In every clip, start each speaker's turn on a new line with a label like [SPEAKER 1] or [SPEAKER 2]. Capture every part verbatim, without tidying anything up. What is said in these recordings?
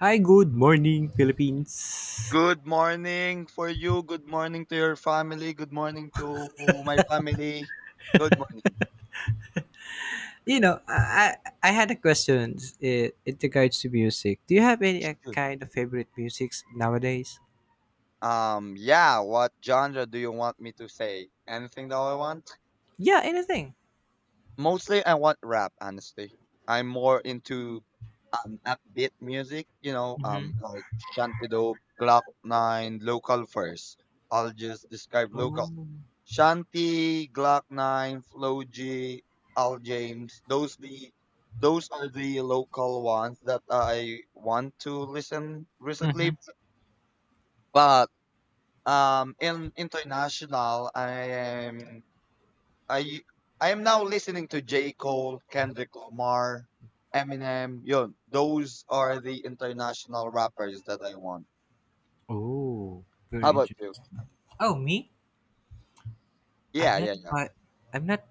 [SPEAKER 1] Hi, good morning, Philippines.
[SPEAKER 2] Good morning for you. Good morning to your family. Good morning to my family. Good morning.
[SPEAKER 1] You know, I I I had a question in, in regards to music. Do you have any uh,
[SPEAKER 2] Good.
[SPEAKER 1] kind of favorite musics nowadays?
[SPEAKER 2] Um, yeah, what genre do you want me to say? Anything that I want?
[SPEAKER 1] Yeah, anything.
[SPEAKER 2] Mostly I want rap, honestly. I'm more into um upbeat music, you know, um
[SPEAKER 1] Mm-hmm.
[SPEAKER 2] like Shantido, Glock nine, local first. I'll just describe local
[SPEAKER 1] Oh.
[SPEAKER 2] Shanti, Glock nine, Flo G, Al James. Those the those are the local ones that I want to listen
[SPEAKER 1] Mm-hmm.
[SPEAKER 2] recently. But um in international I am I I am now listening to J. Cole, Kendrick Lamar, Eminem. Yun, those are the international rappers that I want.
[SPEAKER 1] Oh,
[SPEAKER 2] How
[SPEAKER 1] very
[SPEAKER 2] about you?
[SPEAKER 1] interesting. Oh, me? I'm
[SPEAKER 2] Yeah,
[SPEAKER 1] not.
[SPEAKER 2] yeah, yeah.
[SPEAKER 1] I, I'm not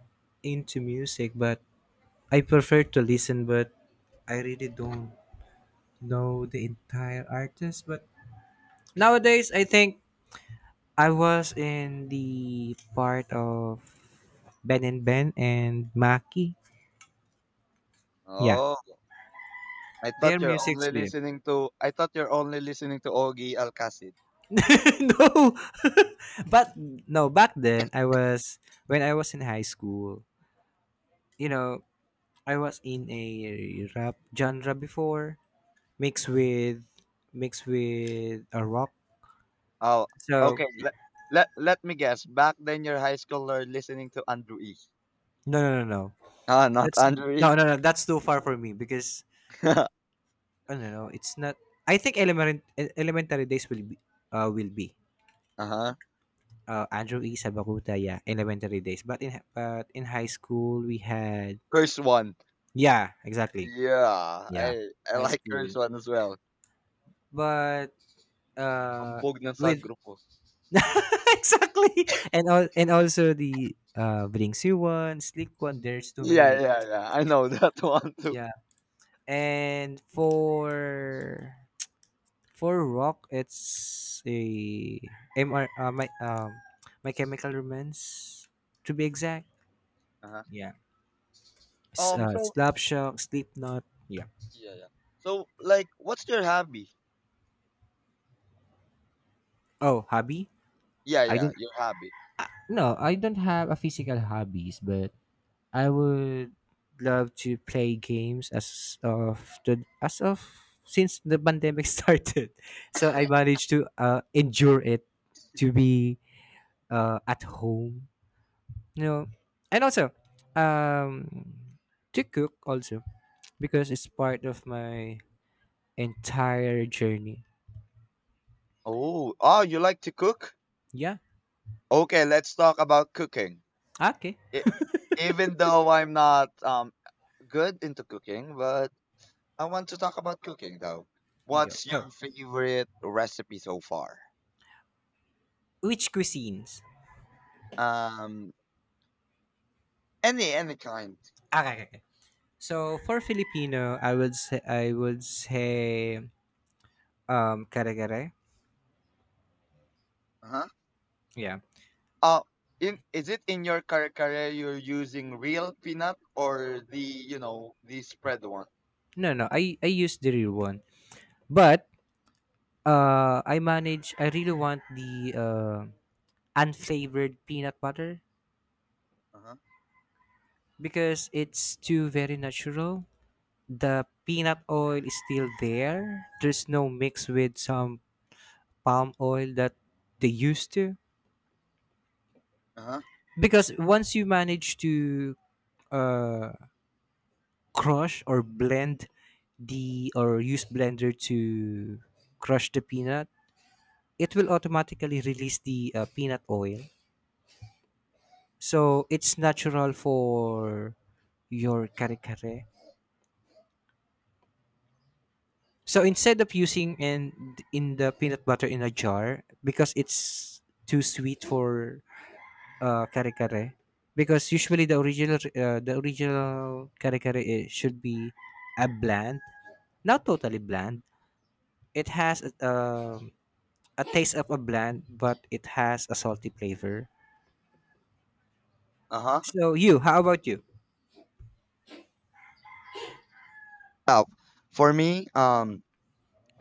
[SPEAKER 1] into music, but I prefer to listen. But I really don't know the entire artist. But nowadays, I think I was in the part of Ben and Ben and Maki. Yeah.
[SPEAKER 2] Oh. I
[SPEAKER 1] Their
[SPEAKER 2] thought you're
[SPEAKER 1] music's
[SPEAKER 2] only
[SPEAKER 1] be
[SPEAKER 2] listening to I thought you're only listening to Ogie Alcacid.
[SPEAKER 1] no. but No, back then I was when I was in high school, you know, I was in a rap genre before, mixed with mixed with a rock.
[SPEAKER 2] Oh,
[SPEAKER 1] So
[SPEAKER 2] okay. Let, let let me guess. Back then, your high schooler listening to Andrew E.
[SPEAKER 1] no, no, no, no.
[SPEAKER 2] Ah, not
[SPEAKER 1] That's
[SPEAKER 2] Andrew E.
[SPEAKER 1] no, no, no, that's too far for me because
[SPEAKER 2] uh
[SPEAKER 1] I don't know, it's not I think elementary elementary days will be uh will be.
[SPEAKER 2] huh.
[SPEAKER 1] Uh, Andrew E. Sabakuta, yeah, elementary days. But in hi- but in high school we had
[SPEAKER 2] Curse one.
[SPEAKER 1] yeah, exactly.
[SPEAKER 2] Yeah,
[SPEAKER 1] Yeah.
[SPEAKER 2] I I
[SPEAKER 1] High
[SPEAKER 2] like
[SPEAKER 1] school.
[SPEAKER 2] Curse one as well.
[SPEAKER 1] But uh
[SPEAKER 2] Ambog ng sa
[SPEAKER 1] with
[SPEAKER 2] grupo.
[SPEAKER 1] exactly, and all, and also the uh Blink-C one, Sleek one, there's too many
[SPEAKER 2] Yeah, yeah,
[SPEAKER 1] names.
[SPEAKER 2] yeah. I know that one too.
[SPEAKER 1] Yeah. And for for rock it's a M R uh, my um my chemical romance to be exact.
[SPEAKER 2] Uh-huh.
[SPEAKER 1] Yeah. S-
[SPEAKER 2] Um.
[SPEAKER 1] uh,
[SPEAKER 2] So
[SPEAKER 1] Slapshot, Slipknot. Yeah.
[SPEAKER 2] yeah, yeah. So like, what's your hobby?
[SPEAKER 1] Oh, hobby?
[SPEAKER 2] Yeah,
[SPEAKER 1] I
[SPEAKER 2] yeah.
[SPEAKER 1] don't.
[SPEAKER 2] Your hobby.
[SPEAKER 1] Uh, No, I don't have a physical hobbies, but I would love to play games as of the as of since the pandemic started. So I managed to uh, endure it to be uh, at home, you know, and also um, to cook also because it's part of my entire journey.
[SPEAKER 2] Oh, oh, you like to cook?
[SPEAKER 1] Yeah.
[SPEAKER 2] Okay, let's talk about cooking.
[SPEAKER 1] Okay.
[SPEAKER 2] e- Even though I'm not um good into cooking, but I want to talk about cooking though.
[SPEAKER 1] Go.
[SPEAKER 2] What's
[SPEAKER 1] go.
[SPEAKER 2] your favorite recipe so far?
[SPEAKER 1] Which cuisines?
[SPEAKER 2] Um, any any kind.
[SPEAKER 1] Ah, Okay. okay. So for Filipino, I would say I would say um kare kare.
[SPEAKER 2] Uh-huh.
[SPEAKER 1] Yeah.
[SPEAKER 2] Uh, in Is it in your kare kare you're using real peanut or the you know the spread one?
[SPEAKER 1] No, no. I I use the real one. But uh I manage I really want the uh unflavored peanut butter
[SPEAKER 2] Uh-huh.
[SPEAKER 1] because it's too very natural. The peanut oil is still there. There's no mix with some palm oil that they used to
[SPEAKER 2] Uh-huh.
[SPEAKER 1] because once you manage to uh crush or blend the or use blender to crush the peanut, it will automatically release the uh, peanut oil, so it's natural for your kare kare. So instead of using and in the peanut butter in a jar because it's too sweet for uh, kare kare, because usually the original uh, the original kare kare it should be a bland, not totally bland, it has uh, a taste of a bland, but it has a salty flavor.
[SPEAKER 2] Uh-huh.
[SPEAKER 1] So you, how about you?
[SPEAKER 2] Oh, for me, um,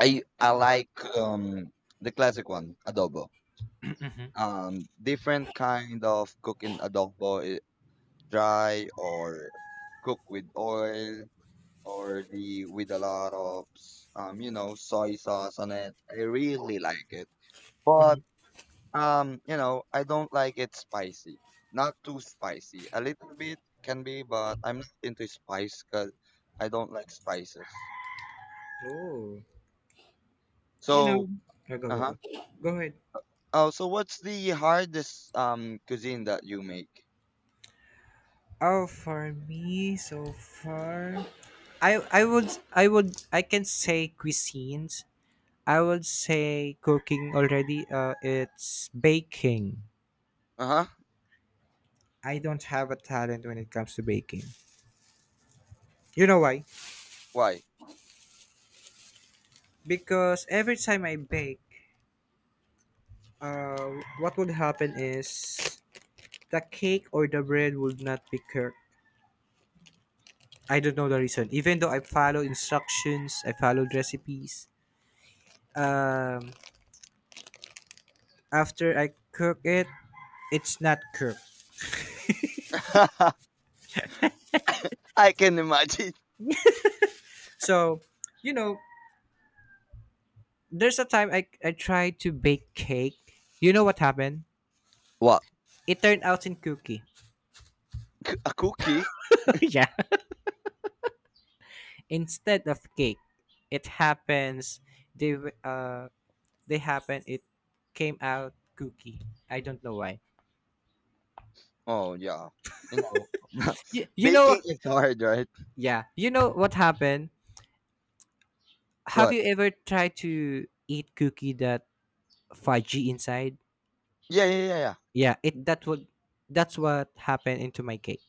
[SPEAKER 2] I I like um the classic one, adobo, um different kind of cooking adobo, eh, dry or cook with oil or the with a lot of s- um you know soy sauce on it. I really like it,
[SPEAKER 1] Hmm.
[SPEAKER 2] but um you know I don't like it spicy. Not too spicy. A little bit can be, but I'm not into spice because I don't like spices.
[SPEAKER 1] Oh, you know,
[SPEAKER 2] So
[SPEAKER 1] go go
[SPEAKER 2] uh
[SPEAKER 1] go
[SPEAKER 2] huh.
[SPEAKER 1] go. Go ahead.
[SPEAKER 2] Oh, so what's the hardest um cuisine that you make?
[SPEAKER 1] Oh, for me so far, I I would I would I can say cuisines. I would say cooking already. Uh, it's baking.
[SPEAKER 2] Uh huh.
[SPEAKER 1] I don't have a talent when it comes to baking. You know why?
[SPEAKER 2] Why?
[SPEAKER 1] Because every time I bake, uh, what would happen is the cake or the bread would not be cooked. I don't know the reason. Even though I follow instructions, I followed recipes. Um, After I cook it, it's not cooked.
[SPEAKER 2] I can imagine.
[SPEAKER 1] So, you know, there's a time I I tried to bake cake. You know what happened?
[SPEAKER 2] What?
[SPEAKER 1] It turned out in cookie.
[SPEAKER 2] A cookie.
[SPEAKER 1] Yeah, instead of cake. It happens. They w- uh they happen. It came out cookie. I don't know why.
[SPEAKER 2] Oh yeah, you know,
[SPEAKER 1] You, you know
[SPEAKER 2] baking is hard, right?
[SPEAKER 1] yeah. You know what happened? Have
[SPEAKER 2] What?
[SPEAKER 1] you ever tried to eat cookie that fudgy inside?
[SPEAKER 2] Yeah, yeah, yeah, yeah.
[SPEAKER 1] Yeah, it that would That's what happened into my cake.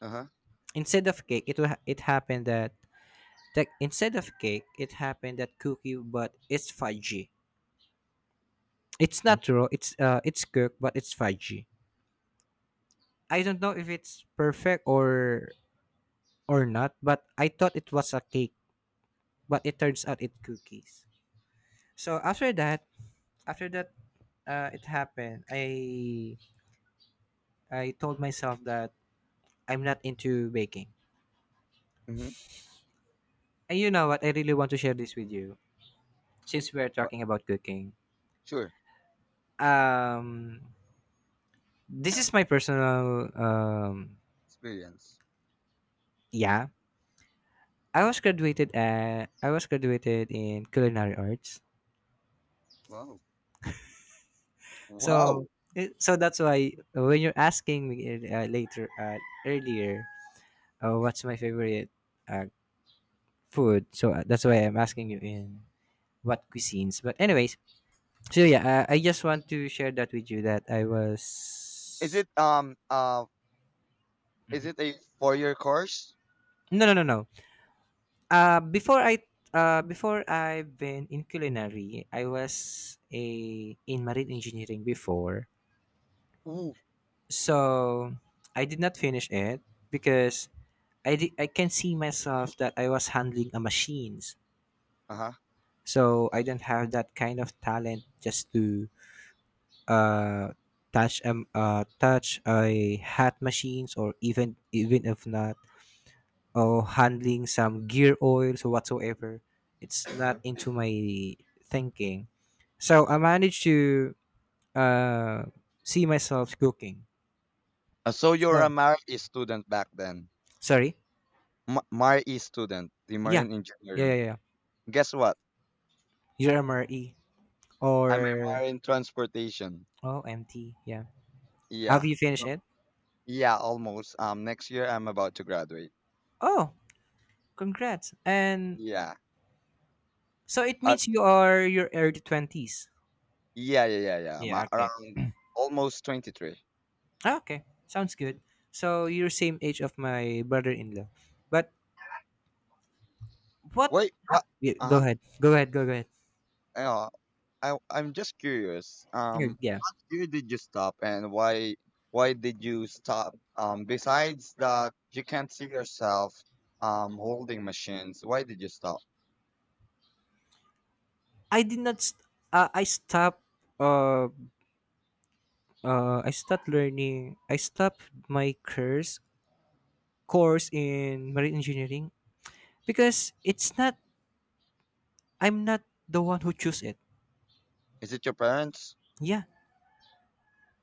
[SPEAKER 2] Uh huh.
[SPEAKER 1] Instead of cake, it wa- it happened that that instead of cake, it happened that cookie, but it's fudgy. It's not raw. It's uh, it's cooked, but it's fudgy. I don't know if it's perfect or or not, but I thought it was a cake, but it turns out it cookies. So after that, after that, uh, it happened. I I told myself that I'm not into baking.
[SPEAKER 2] Mm-hmm.
[SPEAKER 1] And you know what? I really want to share this with you since we are
[SPEAKER 2] What?
[SPEAKER 1] talking about cooking.
[SPEAKER 2] Sure.
[SPEAKER 1] Um, this is my personal. Um,
[SPEAKER 2] Experience.
[SPEAKER 1] yeah, I was graduated. At, I was graduated in culinary arts.
[SPEAKER 2] Wow.
[SPEAKER 1] So,
[SPEAKER 2] Wow.
[SPEAKER 1] it- so that's why when you're asking me uh, later, uh, earlier, uh, what's my favorite uh, food? So uh, that's why I'm asking you in what cuisines. But anyways, so yeah, uh, I just want to share that with you that I was.
[SPEAKER 2] Is it um uh is
[SPEAKER 1] Mm-hmm.
[SPEAKER 2] it a four year course?
[SPEAKER 1] No, no, no, no. Uh, before I uh, before I've been in culinary, I was a in marine engineering before.
[SPEAKER 2] Ooh.
[SPEAKER 1] So I did not finish it because I di- I can see myself that I was handling a machines.
[SPEAKER 2] Uh huh.
[SPEAKER 1] So I don't have that kind of talent just to uh touch um uh touch a hat machines or even even if not or handling some gear oils or whatsoever. It's
[SPEAKER 2] Uh
[SPEAKER 1] not
[SPEAKER 2] huh.
[SPEAKER 1] into my thinking. So I managed to uh, see myself cooking.
[SPEAKER 2] Uh, so you're a
[SPEAKER 1] So
[SPEAKER 2] MARE student back then.
[SPEAKER 1] sorry.
[SPEAKER 2] M- MARE student, the
[SPEAKER 1] Yeah.
[SPEAKER 2] marine
[SPEAKER 1] Yeah,
[SPEAKER 2] engineering.
[SPEAKER 1] yeah, yeah.
[SPEAKER 2] Guess what?
[SPEAKER 1] You're M R E
[SPEAKER 2] I'm a
[SPEAKER 1] or
[SPEAKER 2] marine transportation.
[SPEAKER 1] oh M T. Yeah. Have
[SPEAKER 2] Yeah.
[SPEAKER 1] you finished
[SPEAKER 2] Uh,
[SPEAKER 1] it?
[SPEAKER 2] Yeah, almost. Um, next year I'm about to graduate.
[SPEAKER 1] Oh, congrats. And
[SPEAKER 2] Yeah.
[SPEAKER 1] so it
[SPEAKER 2] Uh,
[SPEAKER 1] means you are your early twenties.
[SPEAKER 2] Yeah, yeah, yeah, yeah. I'm uh,
[SPEAKER 1] Yeah, okay.
[SPEAKER 2] around almost twenty-three.
[SPEAKER 1] Ah, okay. Sounds good. So you're same age of my brother in law. But What
[SPEAKER 2] Wait,
[SPEAKER 1] ha
[SPEAKER 2] what?
[SPEAKER 1] yeah, go
[SPEAKER 2] Uh-huh.
[SPEAKER 1] ahead. Go ahead, go ahead.
[SPEAKER 2] Uh, I I'm just curious.
[SPEAKER 1] Y
[SPEAKER 2] Um,
[SPEAKER 1] yeah.
[SPEAKER 2] what year did you stop, and why why did you stop? Um, besides that, you can't see yourself um holding machines. Why did you stop?
[SPEAKER 1] I did not st uh, I stopped, uh, uh, I stopped learning, I stopped my curse course in marine engineering because it's not, I'm not the one who choose it.
[SPEAKER 2] Is it your parents?
[SPEAKER 1] Yeah.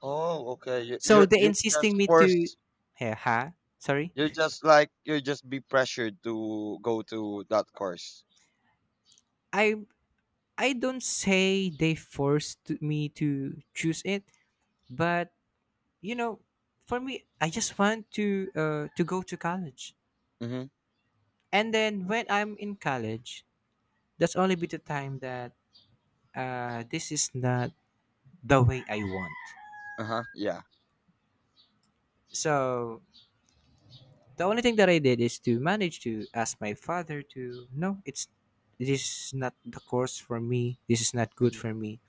[SPEAKER 2] Oh, okay. You
[SPEAKER 1] So
[SPEAKER 2] you
[SPEAKER 1] they
[SPEAKER 2] you
[SPEAKER 1] insisting
[SPEAKER 2] just
[SPEAKER 1] me to,
[SPEAKER 2] forced.
[SPEAKER 1] yeah, Ha. Sorry.
[SPEAKER 2] You're just like you just be pressured to go to that course.
[SPEAKER 1] I I don't say they forced to- me to choose it, but you know, for me, I just want to uh to go to college.
[SPEAKER 2] Mm-hmm.
[SPEAKER 1] And then when I'm in college, that's only be the time that uh, this is not the way I want.
[SPEAKER 2] Uh-huh. Yeah.
[SPEAKER 1] So the only thing that I did is to manage to ask my father to no, it's this is not the course for me. This is not good
[SPEAKER 2] Mm-hmm.
[SPEAKER 1] for me.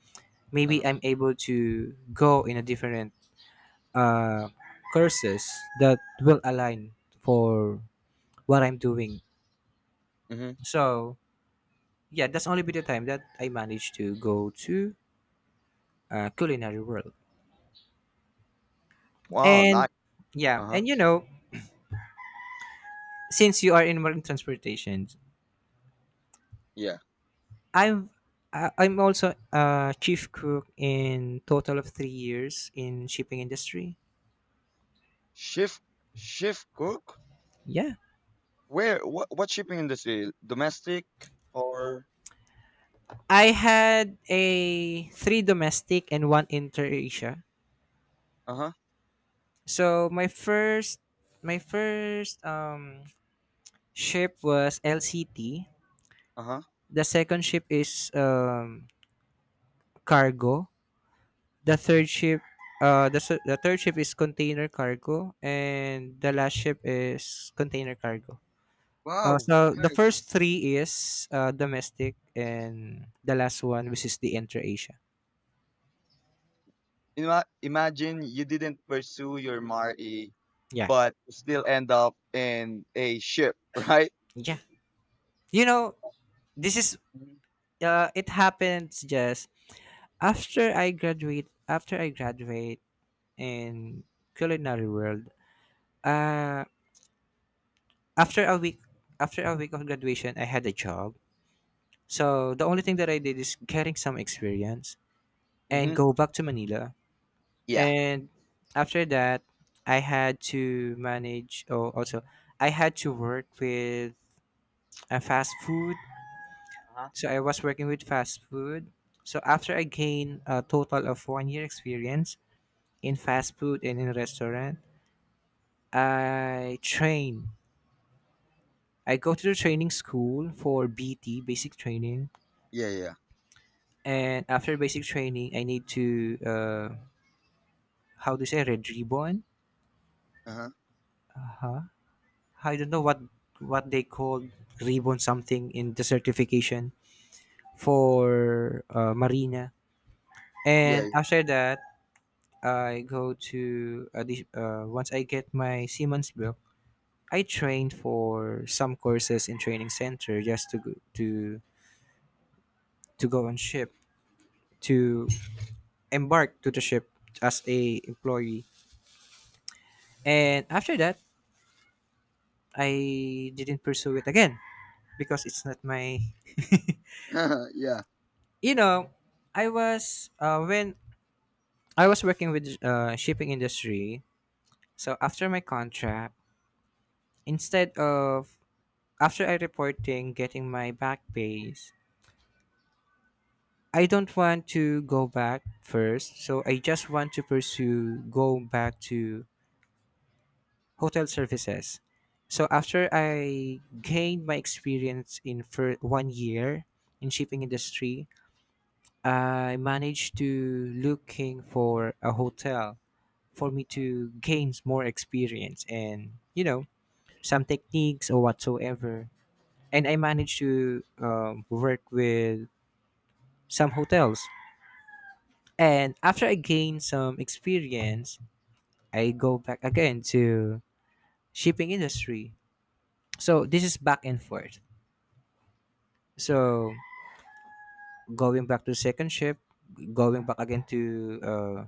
[SPEAKER 1] Maybe
[SPEAKER 2] Uh-huh.
[SPEAKER 1] I'm able to go in a different uh, courses that will align for what I'm doing.
[SPEAKER 2] Mm-hmm.
[SPEAKER 1] So yeah, that's only be the time that I managed to go to uh, culinary world.
[SPEAKER 2] Wow,
[SPEAKER 1] And
[SPEAKER 2] nice.
[SPEAKER 1] yeah,
[SPEAKER 2] Uh-huh.
[SPEAKER 1] and you know, since you are in marine transportation,
[SPEAKER 2] Yeah.
[SPEAKER 1] I'm I- I'm also a chief cook in total of three years in shipping industry.
[SPEAKER 2] Chef, chef cook?
[SPEAKER 1] Yeah,
[SPEAKER 2] Where? What? What shipping industry? Domestic or?
[SPEAKER 1] I had a three domestic and one inter Asia.
[SPEAKER 2] Uh huh.
[SPEAKER 1] So my first my first um ship was L C T.
[SPEAKER 2] Uh huh.
[SPEAKER 1] The second ship is um cargo. The third ship, uh, the s- the third ship is container cargo, and the last ship is container cargo. Uh,
[SPEAKER 2] Wow.
[SPEAKER 1] so the first
[SPEAKER 2] Nice.
[SPEAKER 1] three is uh, domestic, and the last one, which is the intra Asia.
[SPEAKER 2] Ima- imagine you didn't pursue your M R E,
[SPEAKER 1] Yeah,
[SPEAKER 2] but you still end up in a ship, right?
[SPEAKER 1] yeah. You know, this is
[SPEAKER 2] Mm-hmm.
[SPEAKER 1] uh, it happens just after I graduate. After I graduate in culinary world, uh, after a week, after a week of graduation, I had a job. So the only thing that I did is getting some experience
[SPEAKER 2] Mm-hmm.
[SPEAKER 1] and go back to Manila.
[SPEAKER 2] Yeah.
[SPEAKER 1] And after that, I had to manage. Oh, also, I had to work with a fast food.
[SPEAKER 2] Uh huh.
[SPEAKER 1] So I was working with fast food. So after I gained a total of one year experience in fast food and in restaurant, I train. I go to the training school for B T basic training,
[SPEAKER 2] Yeah. Yeah.
[SPEAKER 1] and after basic training, I need to uh, how do you say red ribbon?
[SPEAKER 2] Uh huh.
[SPEAKER 1] Uh huh, I don't know what what they called ribbon something in the certification for uh, marina. And
[SPEAKER 2] Yeah.
[SPEAKER 1] after that, I go to uh, this- uh, once I get my Siemens book, I trained for some courses in training center just to go, to to go on ship to embark to the ship as a employee. And after that, I didn't pursue it again because it's not my
[SPEAKER 2] Yeah.
[SPEAKER 1] you know I was uh, when I was working with uh, shipping industry. So after my contract, instead of after I reporting getting my back pays, I don't want to go back first. So I just want to pursue go back to hotel services. So after I gained my experience in for one year in shipping industry, I managed to looking for a hotel for me to gain more experience, and you know some techniques or whatsoever. And I managed to um, work with some hotels. And after I gained some experience, I go back again to shipping industry. So this is back and forth. So going back to second ship, going back again to uh,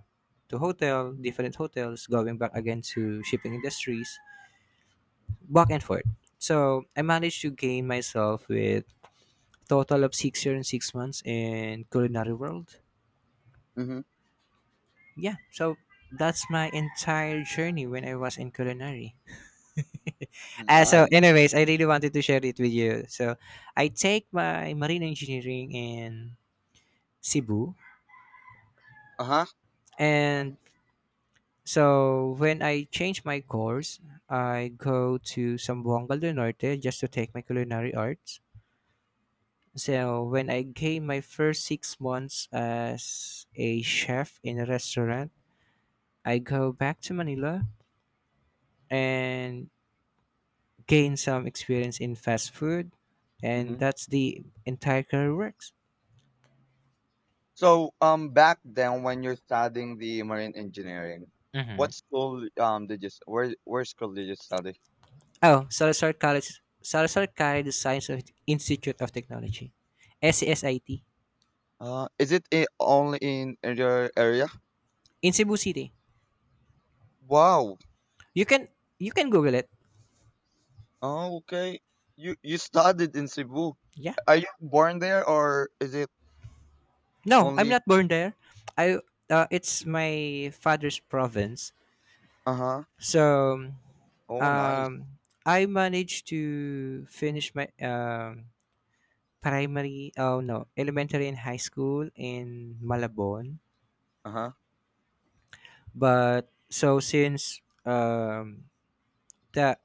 [SPEAKER 1] to hotel, different hotels, going back again to shipping industries, back and forth. So I managed to gain myself with total of six years and six months in culinary world.
[SPEAKER 2] Mm-hmm.
[SPEAKER 1] Yeah, so that's my entire journey when I was in culinary. Uh, so
[SPEAKER 2] Nice.
[SPEAKER 1] anyways, I really wanted to share it with you. So I take my marine engineering in Cebu,
[SPEAKER 2] Uh huh.
[SPEAKER 1] and so when I changed my course, I go to Sambuanga del Norte just to take my culinary arts. So when I came my first six months as a chef in a restaurant, I go back to Manila, and gain some experience in fast food, and
[SPEAKER 2] Mm-hmm.
[SPEAKER 1] that's the entire career works.
[SPEAKER 2] So, um, back then when you're studying the marine engineering,
[SPEAKER 1] Mm-hmm.
[SPEAKER 2] what school um did you s- where where school did you study?
[SPEAKER 1] Oh, Salazar College, Salazar College, the Science of Institute of Technology, S S I T,
[SPEAKER 2] Uh, is it i- only in your area?
[SPEAKER 1] in Cebu City.
[SPEAKER 2] Wow.
[SPEAKER 1] You can you can Google it.
[SPEAKER 2] Oh, okay. You you studied in Cebu.
[SPEAKER 1] Yeah.
[SPEAKER 2] Are you born there or is it
[SPEAKER 1] No, I'm
[SPEAKER 2] only?
[SPEAKER 1] not born there. I uh, It's my father's province.
[SPEAKER 2] Uh huh.
[SPEAKER 1] So
[SPEAKER 2] Oh, nice.
[SPEAKER 1] um, I managed to finish my um, primary. Oh no, elementary and high school in Malabon.
[SPEAKER 2] Uh huh.
[SPEAKER 1] But so, since um, that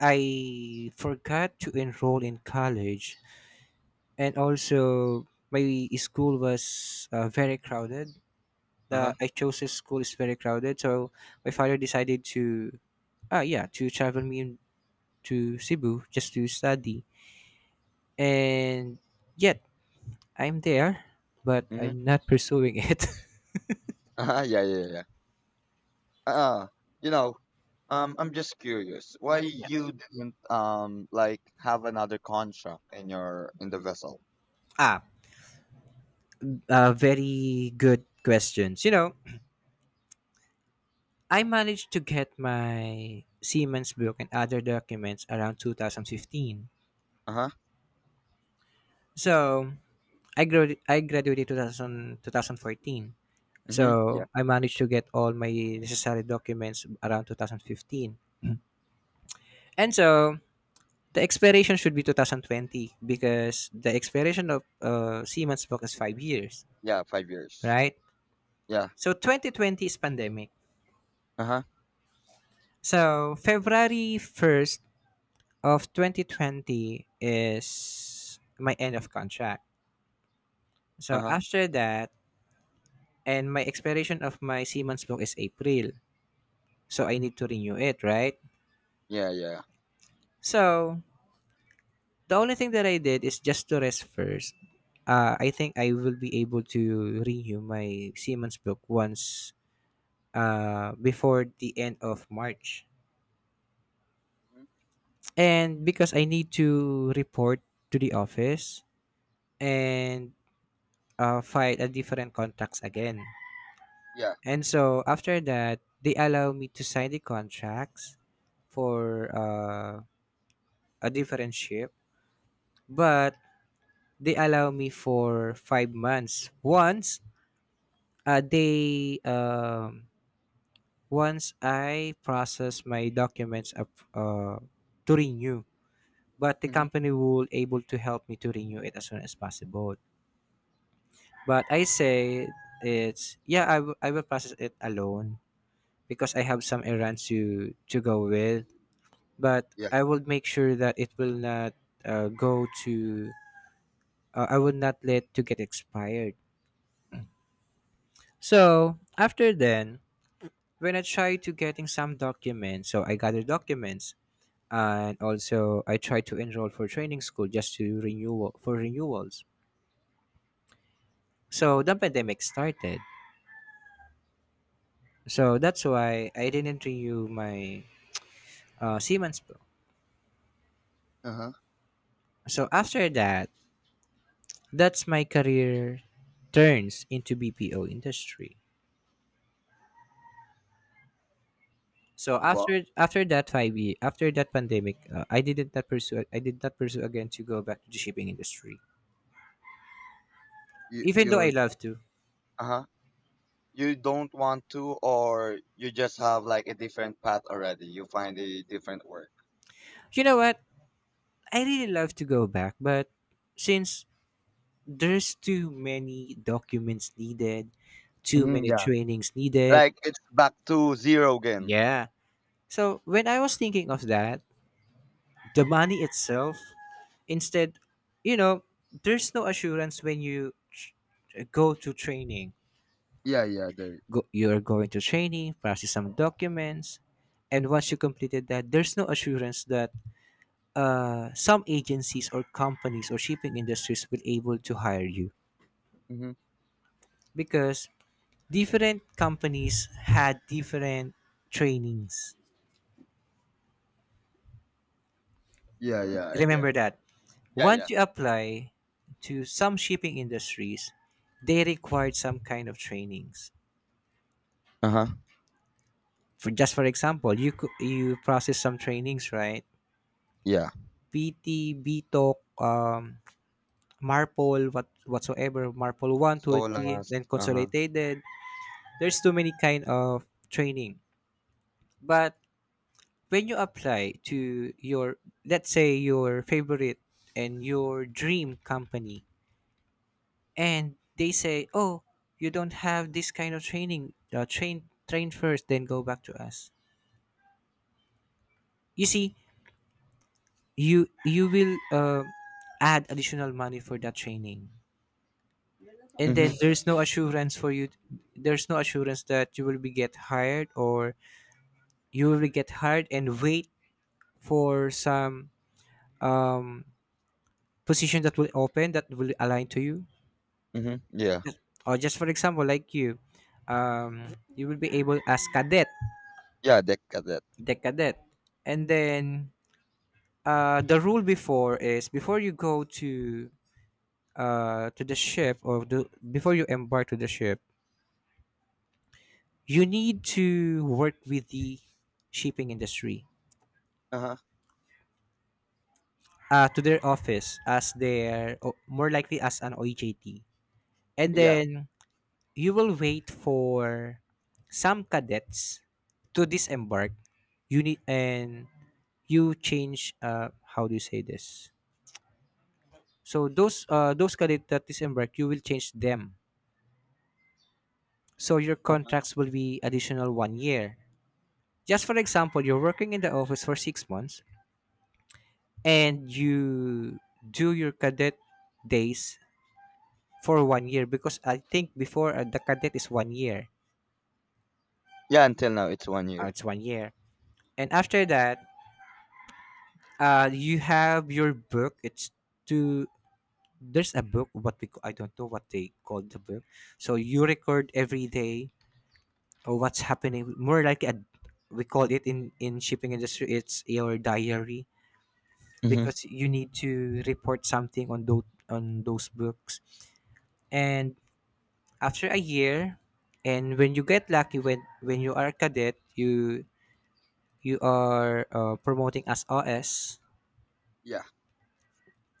[SPEAKER 1] I forgot to enroll in college, and also my school was uh, very crowded.
[SPEAKER 2] Uh
[SPEAKER 1] The
[SPEAKER 2] huh.
[SPEAKER 1] I chose a school is very crowded, so my father decided to ah yeah to travel me in- to Cebu just to study. And yet I'm there, but
[SPEAKER 2] Mm-hmm.
[SPEAKER 1] I'm not pursuing it.
[SPEAKER 2] Uh huh. Yeah, yeah, yeah. Uh, you know, um, I'm just curious why
[SPEAKER 1] Yeah.
[SPEAKER 2] you didn't um like have another contract in your in the vessel.
[SPEAKER 1] Ah, uh, Very good questions. You know, I managed to get my Siemens book and other documents around two thousand fifteen.
[SPEAKER 2] Uh huh.
[SPEAKER 1] So I grad- I graduated two thousand twenty fourteen. So
[SPEAKER 2] Mm-hmm. Yeah.
[SPEAKER 1] I managed to get all my necessary documents around two thousand fifteen. And so the expiration should be two thousand twenty, because the expiration of uh, Siemens book is five years,
[SPEAKER 2] Yeah. Five years.
[SPEAKER 1] right?
[SPEAKER 2] Yeah.
[SPEAKER 1] So twenty twenty is pandemic.
[SPEAKER 2] Uh huh.
[SPEAKER 1] So February first of twenty twenty is my end of contract.
[SPEAKER 2] Uh
[SPEAKER 1] So
[SPEAKER 2] huh.
[SPEAKER 1] after that, and my expiration of my Seaman's book is April. So I need to renew it, right?
[SPEAKER 2] Yeah. Yeah.
[SPEAKER 1] So the only thing that I did is just to rest first. Uh, I think I will be able to renew my Seaman's book once, uh, before the end of March.
[SPEAKER 2] Mm-hmm.
[SPEAKER 1] And because I need to report to the office, and uh, file a different contracts again.
[SPEAKER 2] Yeah.
[SPEAKER 1] And so after that, they allow me to sign the contracts for uh, a different ship, but they allow me for five months. Once uh, they um, Once I process my documents, up uh, to renew, but the
[SPEAKER 2] Mm-hmm.
[SPEAKER 1] company will able to help me to renew it as soon as possible. But I say, it's, yeah, I, w- I will process it alone, because I have some errands to to go with, but
[SPEAKER 2] Yeah.
[SPEAKER 1] I will make sure that it will not uh, go to. Uh, I will not let to get expired. So after then, when I try to getting some documents, so I gather documents, and also I try to enroll for training school just to renewal for renewals. So the pandemic started. So that's why I didn't renew my uh, Siemens Pro.
[SPEAKER 2] Uh
[SPEAKER 1] So after that, that's my career turns into B P O industry. So
[SPEAKER 2] huh.
[SPEAKER 1] after after that five year, after that pandemic, uh, I didn't not pursue I did not pursue again to go back to the shipping industry,
[SPEAKER 2] you
[SPEAKER 1] even though I
[SPEAKER 2] you
[SPEAKER 1] love to.
[SPEAKER 2] uh-huh, you don't want to, or you just have like a different path already? You find a different work?
[SPEAKER 1] You know what? I really love to go back, but since there's too many documents needed, too
[SPEAKER 2] Hmm,
[SPEAKER 1] many
[SPEAKER 2] yeah,
[SPEAKER 1] trainings needed.
[SPEAKER 2] like it's back to zero again.
[SPEAKER 1] Yeah. So when I was thinking of that, the money itself, instead, you know, there's no assurance when you tr- go to training,
[SPEAKER 2] Yeah, yeah, there.
[SPEAKER 1] go, you're going to training, process some documents, and once you completed that, there's no assurance that uh, some agencies or companies or shipping industries will able to hire you,
[SPEAKER 2] Hmm,
[SPEAKER 1] because different companies had different trainings.
[SPEAKER 2] yeah, yeah, yeah, I get
[SPEAKER 1] Remember
[SPEAKER 2] it.
[SPEAKER 1] that
[SPEAKER 2] Yeah, yeah,
[SPEAKER 1] once you apply to some shipping industries, they required some kind of trainings.
[SPEAKER 2] uh-huh,
[SPEAKER 1] For just for example, you cou- you process some trainings, right?
[SPEAKER 2] yeah.
[SPEAKER 1] P T, B T O C, um, Marpol, what whatsoever, Marpol one, two,
[SPEAKER 2] So
[SPEAKER 1] three,
[SPEAKER 2] last.
[SPEAKER 1] then
[SPEAKER 2] Uh-huh.
[SPEAKER 1] consolidated. There's too many kind of training. But when you apply to your, let's say, your favorite and your dream company, and they say, oh, you don't have this kind of training. Uh, train train first, then go back to us. You see, you you will uh, add additional money for that training, and then
[SPEAKER 2] Mm-hmm.
[SPEAKER 1] there's no assurance for you there's no assurance that you will be get hired, or you will get hired and wait for some um position that will open, that will align to you,
[SPEAKER 2] Mm-hmm. Yeah,
[SPEAKER 1] or just for example, like you um you will be able as cadet,
[SPEAKER 2] yeah, that got that.
[SPEAKER 1] the cadet. And then uh the rule before is, before you go to uh to the ship, or the, before you embark to the ship, you need to work with the shipping industry,
[SPEAKER 2] Uh-huh.
[SPEAKER 1] uh, to their office, as their o- more likely as an O J T. And
[SPEAKER 2] Yeah.
[SPEAKER 1] then you will wait for some cadets to disembark. You need and you change, uh how do you say this? So those uh those cadets that disembark, you will change them. So your
[SPEAKER 2] Uh-huh.
[SPEAKER 1] contracts will be additional one year. Just for example, you're working in the office for six months, and you do your cadet days for one year, because I think before, uh, the cadet is one year.
[SPEAKER 2] Yeah, until now it's one
[SPEAKER 1] Uh,
[SPEAKER 2] year.
[SPEAKER 1] it's one year. And after that, uh, you have your book. It's to There's a book, what we I don't know what they call the book. So you record every day, or what's happening. More like a we call it, in in shipping industry, it's your diary,
[SPEAKER 2] Mm-hmm.
[SPEAKER 1] because you need to report something on those on those books. And after a year, and when you get lucky, when when you are a cadet, you you are, uh, promoting as O S,
[SPEAKER 2] Yeah,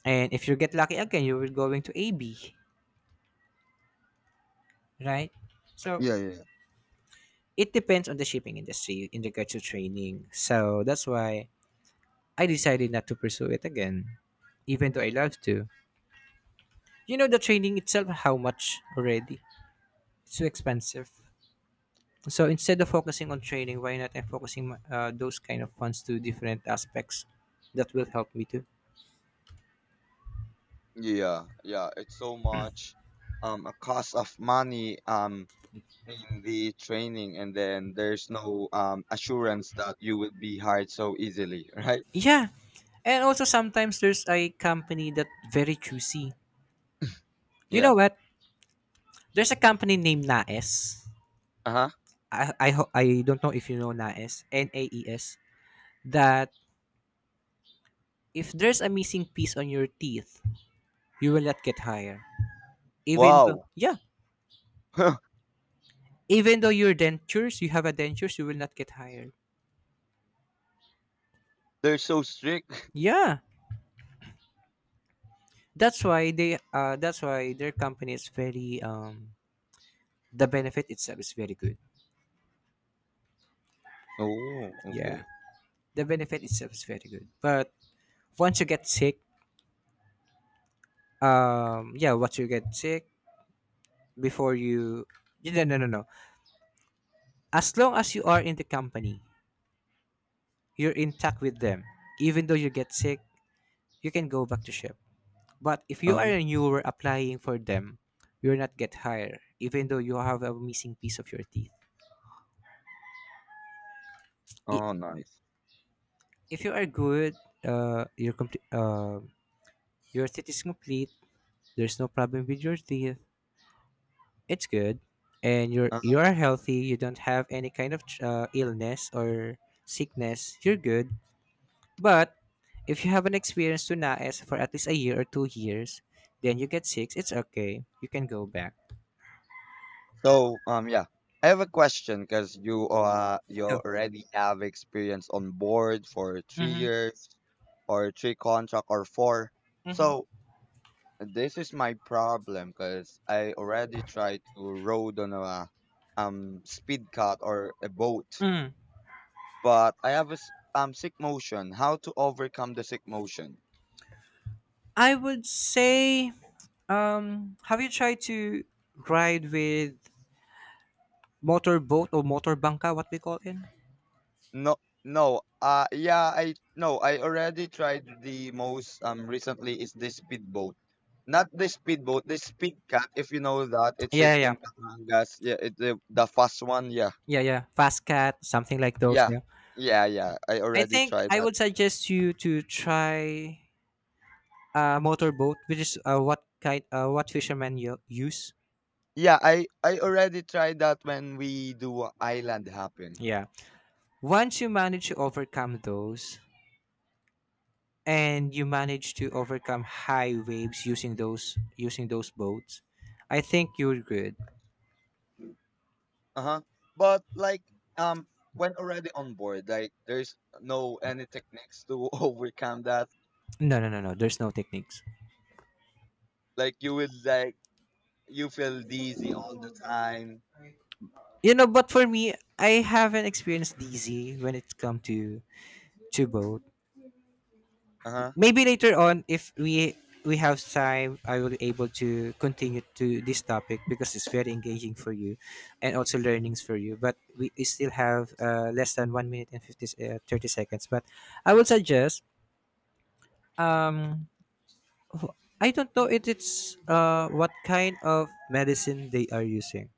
[SPEAKER 1] and if you get lucky again, you will going to A B, right? So
[SPEAKER 2] yeah, yeah,
[SPEAKER 1] it depends on the shipping industry in regards to training. So that's why I decided not to pursue it again, even though I love to. You know the training itself, how much already? It's too expensive. So instead of focusing on training, why not I'm focusing my- uh, those kind of funds to different aspects that will help me too.
[SPEAKER 2] yeah, yeah, yeah. It's so much, um a cost of money, um in the training, and then there's no um assurance that you will be hired so easily, right?
[SPEAKER 1] Yeah, and also sometimes there's a company that very choosy. You
[SPEAKER 2] Yeah.
[SPEAKER 1] know what? There's a company named Naes.
[SPEAKER 2] Uh-huh.
[SPEAKER 1] I I, ho- I don't know if you know Naes. N A E S. That if there's a missing piece on your teeth, you will not get hired. Even though
[SPEAKER 2] Wow.
[SPEAKER 1] yeah, even though your dentures, you have a dentures, you will not get hired.
[SPEAKER 2] They're so strict.
[SPEAKER 1] Yeah, that's why they uh that's why their company is very, um the benefit itself is very good.
[SPEAKER 2] Oh,
[SPEAKER 1] Yeah,
[SPEAKER 2] okay.
[SPEAKER 1] the benefit itself is very good. But once you get sick, um yeah, once you get sick, before you yeah, no, no, no, no, as long as you are in the company, you're intact with them. Even though you get sick, you can go back to ship. But if you are
[SPEAKER 2] Uh-huh.
[SPEAKER 1] a newer applying for them, you'll not get hired, even though you have a missing piece of your teeth. I-
[SPEAKER 2] Oh, nice.
[SPEAKER 1] If you are good, uh, your complete, uh, your teeth is complete. There's no problem with your teeth. It's good, and you're you
[SPEAKER 2] Uh-huh.
[SPEAKER 1] are healthy. You don't have any kind of uh, illness or sickness. You're good. But if you haven't experienced Tunaes for at least a year or two years, then you get sick. It's okay. You can go back.
[SPEAKER 2] So um yeah, I have a question because you uh you
[SPEAKER 1] Go.
[SPEAKER 2] already have experience on board for three
[SPEAKER 1] Hmm.
[SPEAKER 2] years or three contract or four.
[SPEAKER 1] Hmm.
[SPEAKER 2] So this is my problem because I already tried to rode on a um speed cut or a boat,
[SPEAKER 1] Mm.
[SPEAKER 2] but I have a s- um sick motion. How to overcome the sick motion?
[SPEAKER 1] I would say, um, have you tried to ride with motorboat or motorbangka, what we call it?
[SPEAKER 2] No, no. Uh, yeah, I no. I already tried the most um recently is the speedboat, not the speedboat, the speed cut. If you know that, it's
[SPEAKER 1] Yeah,
[SPEAKER 2] it
[SPEAKER 1] yeah,
[SPEAKER 2] in Batangas. Yeah, it, the the fast one. Yeah,
[SPEAKER 1] yeah, yeah. Fast cat, something like those.
[SPEAKER 2] yeah,
[SPEAKER 1] Yeah.
[SPEAKER 2] yeah, yeah. I
[SPEAKER 1] I
[SPEAKER 2] already
[SPEAKER 1] think
[SPEAKER 2] tried
[SPEAKER 1] I
[SPEAKER 2] that.
[SPEAKER 1] would suggest you to try a motorboat, which is uh, what kind, uh, what fishermen you use.
[SPEAKER 2] Yeah, I I already tried that when we do a island hopping.
[SPEAKER 1] Yeah. Once you manage to overcome those, and you manage to overcome high waves using those using those boats, I think you're good.
[SPEAKER 2] Uh-huh. But like um when already on board, like there's no any techniques to overcome that.
[SPEAKER 1] No, no, no, no. There's no techniques.
[SPEAKER 2] Like you will like you feel dizzy all the time.
[SPEAKER 1] You know, but for me, I haven't experienced D Z when it come to to boat.
[SPEAKER 2] Uh-huh.
[SPEAKER 1] Maybe later on if we we have time, I will be able to continue to this topic, because it's very engaging for you, and also learnings for you. But we, we still have uh, less than one minute and fifty, s- uh, thirty seconds. But I would suggest, Um, wh- I don't know if it's uh what kind of medicine they are using.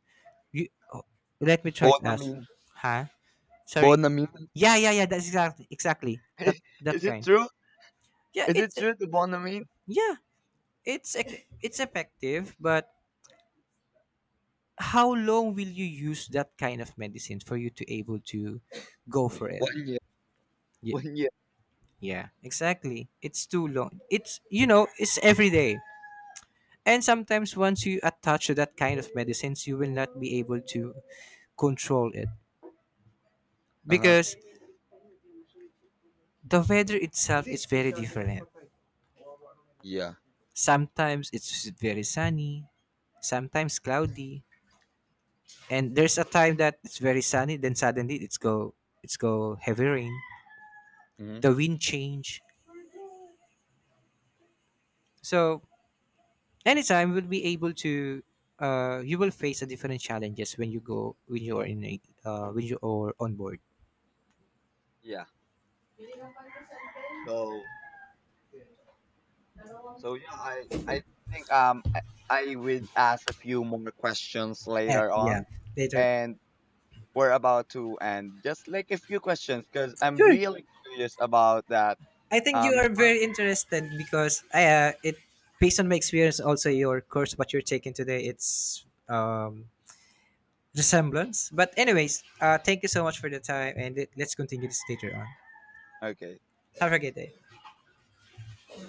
[SPEAKER 1] You, oh, Let me try to ask.
[SPEAKER 2] Bonamine.
[SPEAKER 1] Huh? Sorry.
[SPEAKER 2] Bonamine.
[SPEAKER 1] Yeah, yeah, yeah. That's exactly exactly that that
[SPEAKER 2] Is it
[SPEAKER 1] kind.
[SPEAKER 2] true?
[SPEAKER 1] Yeah,
[SPEAKER 2] Is it
[SPEAKER 1] it's,
[SPEAKER 2] true to Bonamine?
[SPEAKER 1] yeah, it's ec- it's effective, but how long will you use that kind of medicine for you to able to go for it?
[SPEAKER 2] One year.
[SPEAKER 1] Yeah,
[SPEAKER 2] One year.
[SPEAKER 1] yeah, exactly. It's too long. It's you know, it's every day. And sometimes, once you attach to that kind of medicines, you will not be able to control it,
[SPEAKER 2] Uh-huh.
[SPEAKER 1] because the weather itself is very different.
[SPEAKER 2] Yeah.
[SPEAKER 1] Sometimes it's very sunny, sometimes cloudy, and there's a time that it's very sunny, then suddenly it's go it's go heavy rain.
[SPEAKER 2] Hmm.
[SPEAKER 1] The wind change. So anytime we'll be able to, uh, you will face a different challenges when you go when you are in a, uh, when you are on board.
[SPEAKER 2] Yeah. So, So yeah, I I think um I I would ask a few more questions
[SPEAKER 1] Yeah,
[SPEAKER 2] later
[SPEAKER 1] yeah.
[SPEAKER 2] on,
[SPEAKER 1] Later.
[SPEAKER 2] and we're about to end just like a few questions because I'm
[SPEAKER 1] Sure.
[SPEAKER 2] really curious about that.
[SPEAKER 1] I think you
[SPEAKER 2] Um,
[SPEAKER 1] are
[SPEAKER 2] for,
[SPEAKER 1] very interested, because I, uh, it based on my experience, also your course what you're taking today, it's um, resemblance. But anyways, uh, thank you so much for the time, and let- let's continue this later on.
[SPEAKER 2] okay.
[SPEAKER 1] Have a good day.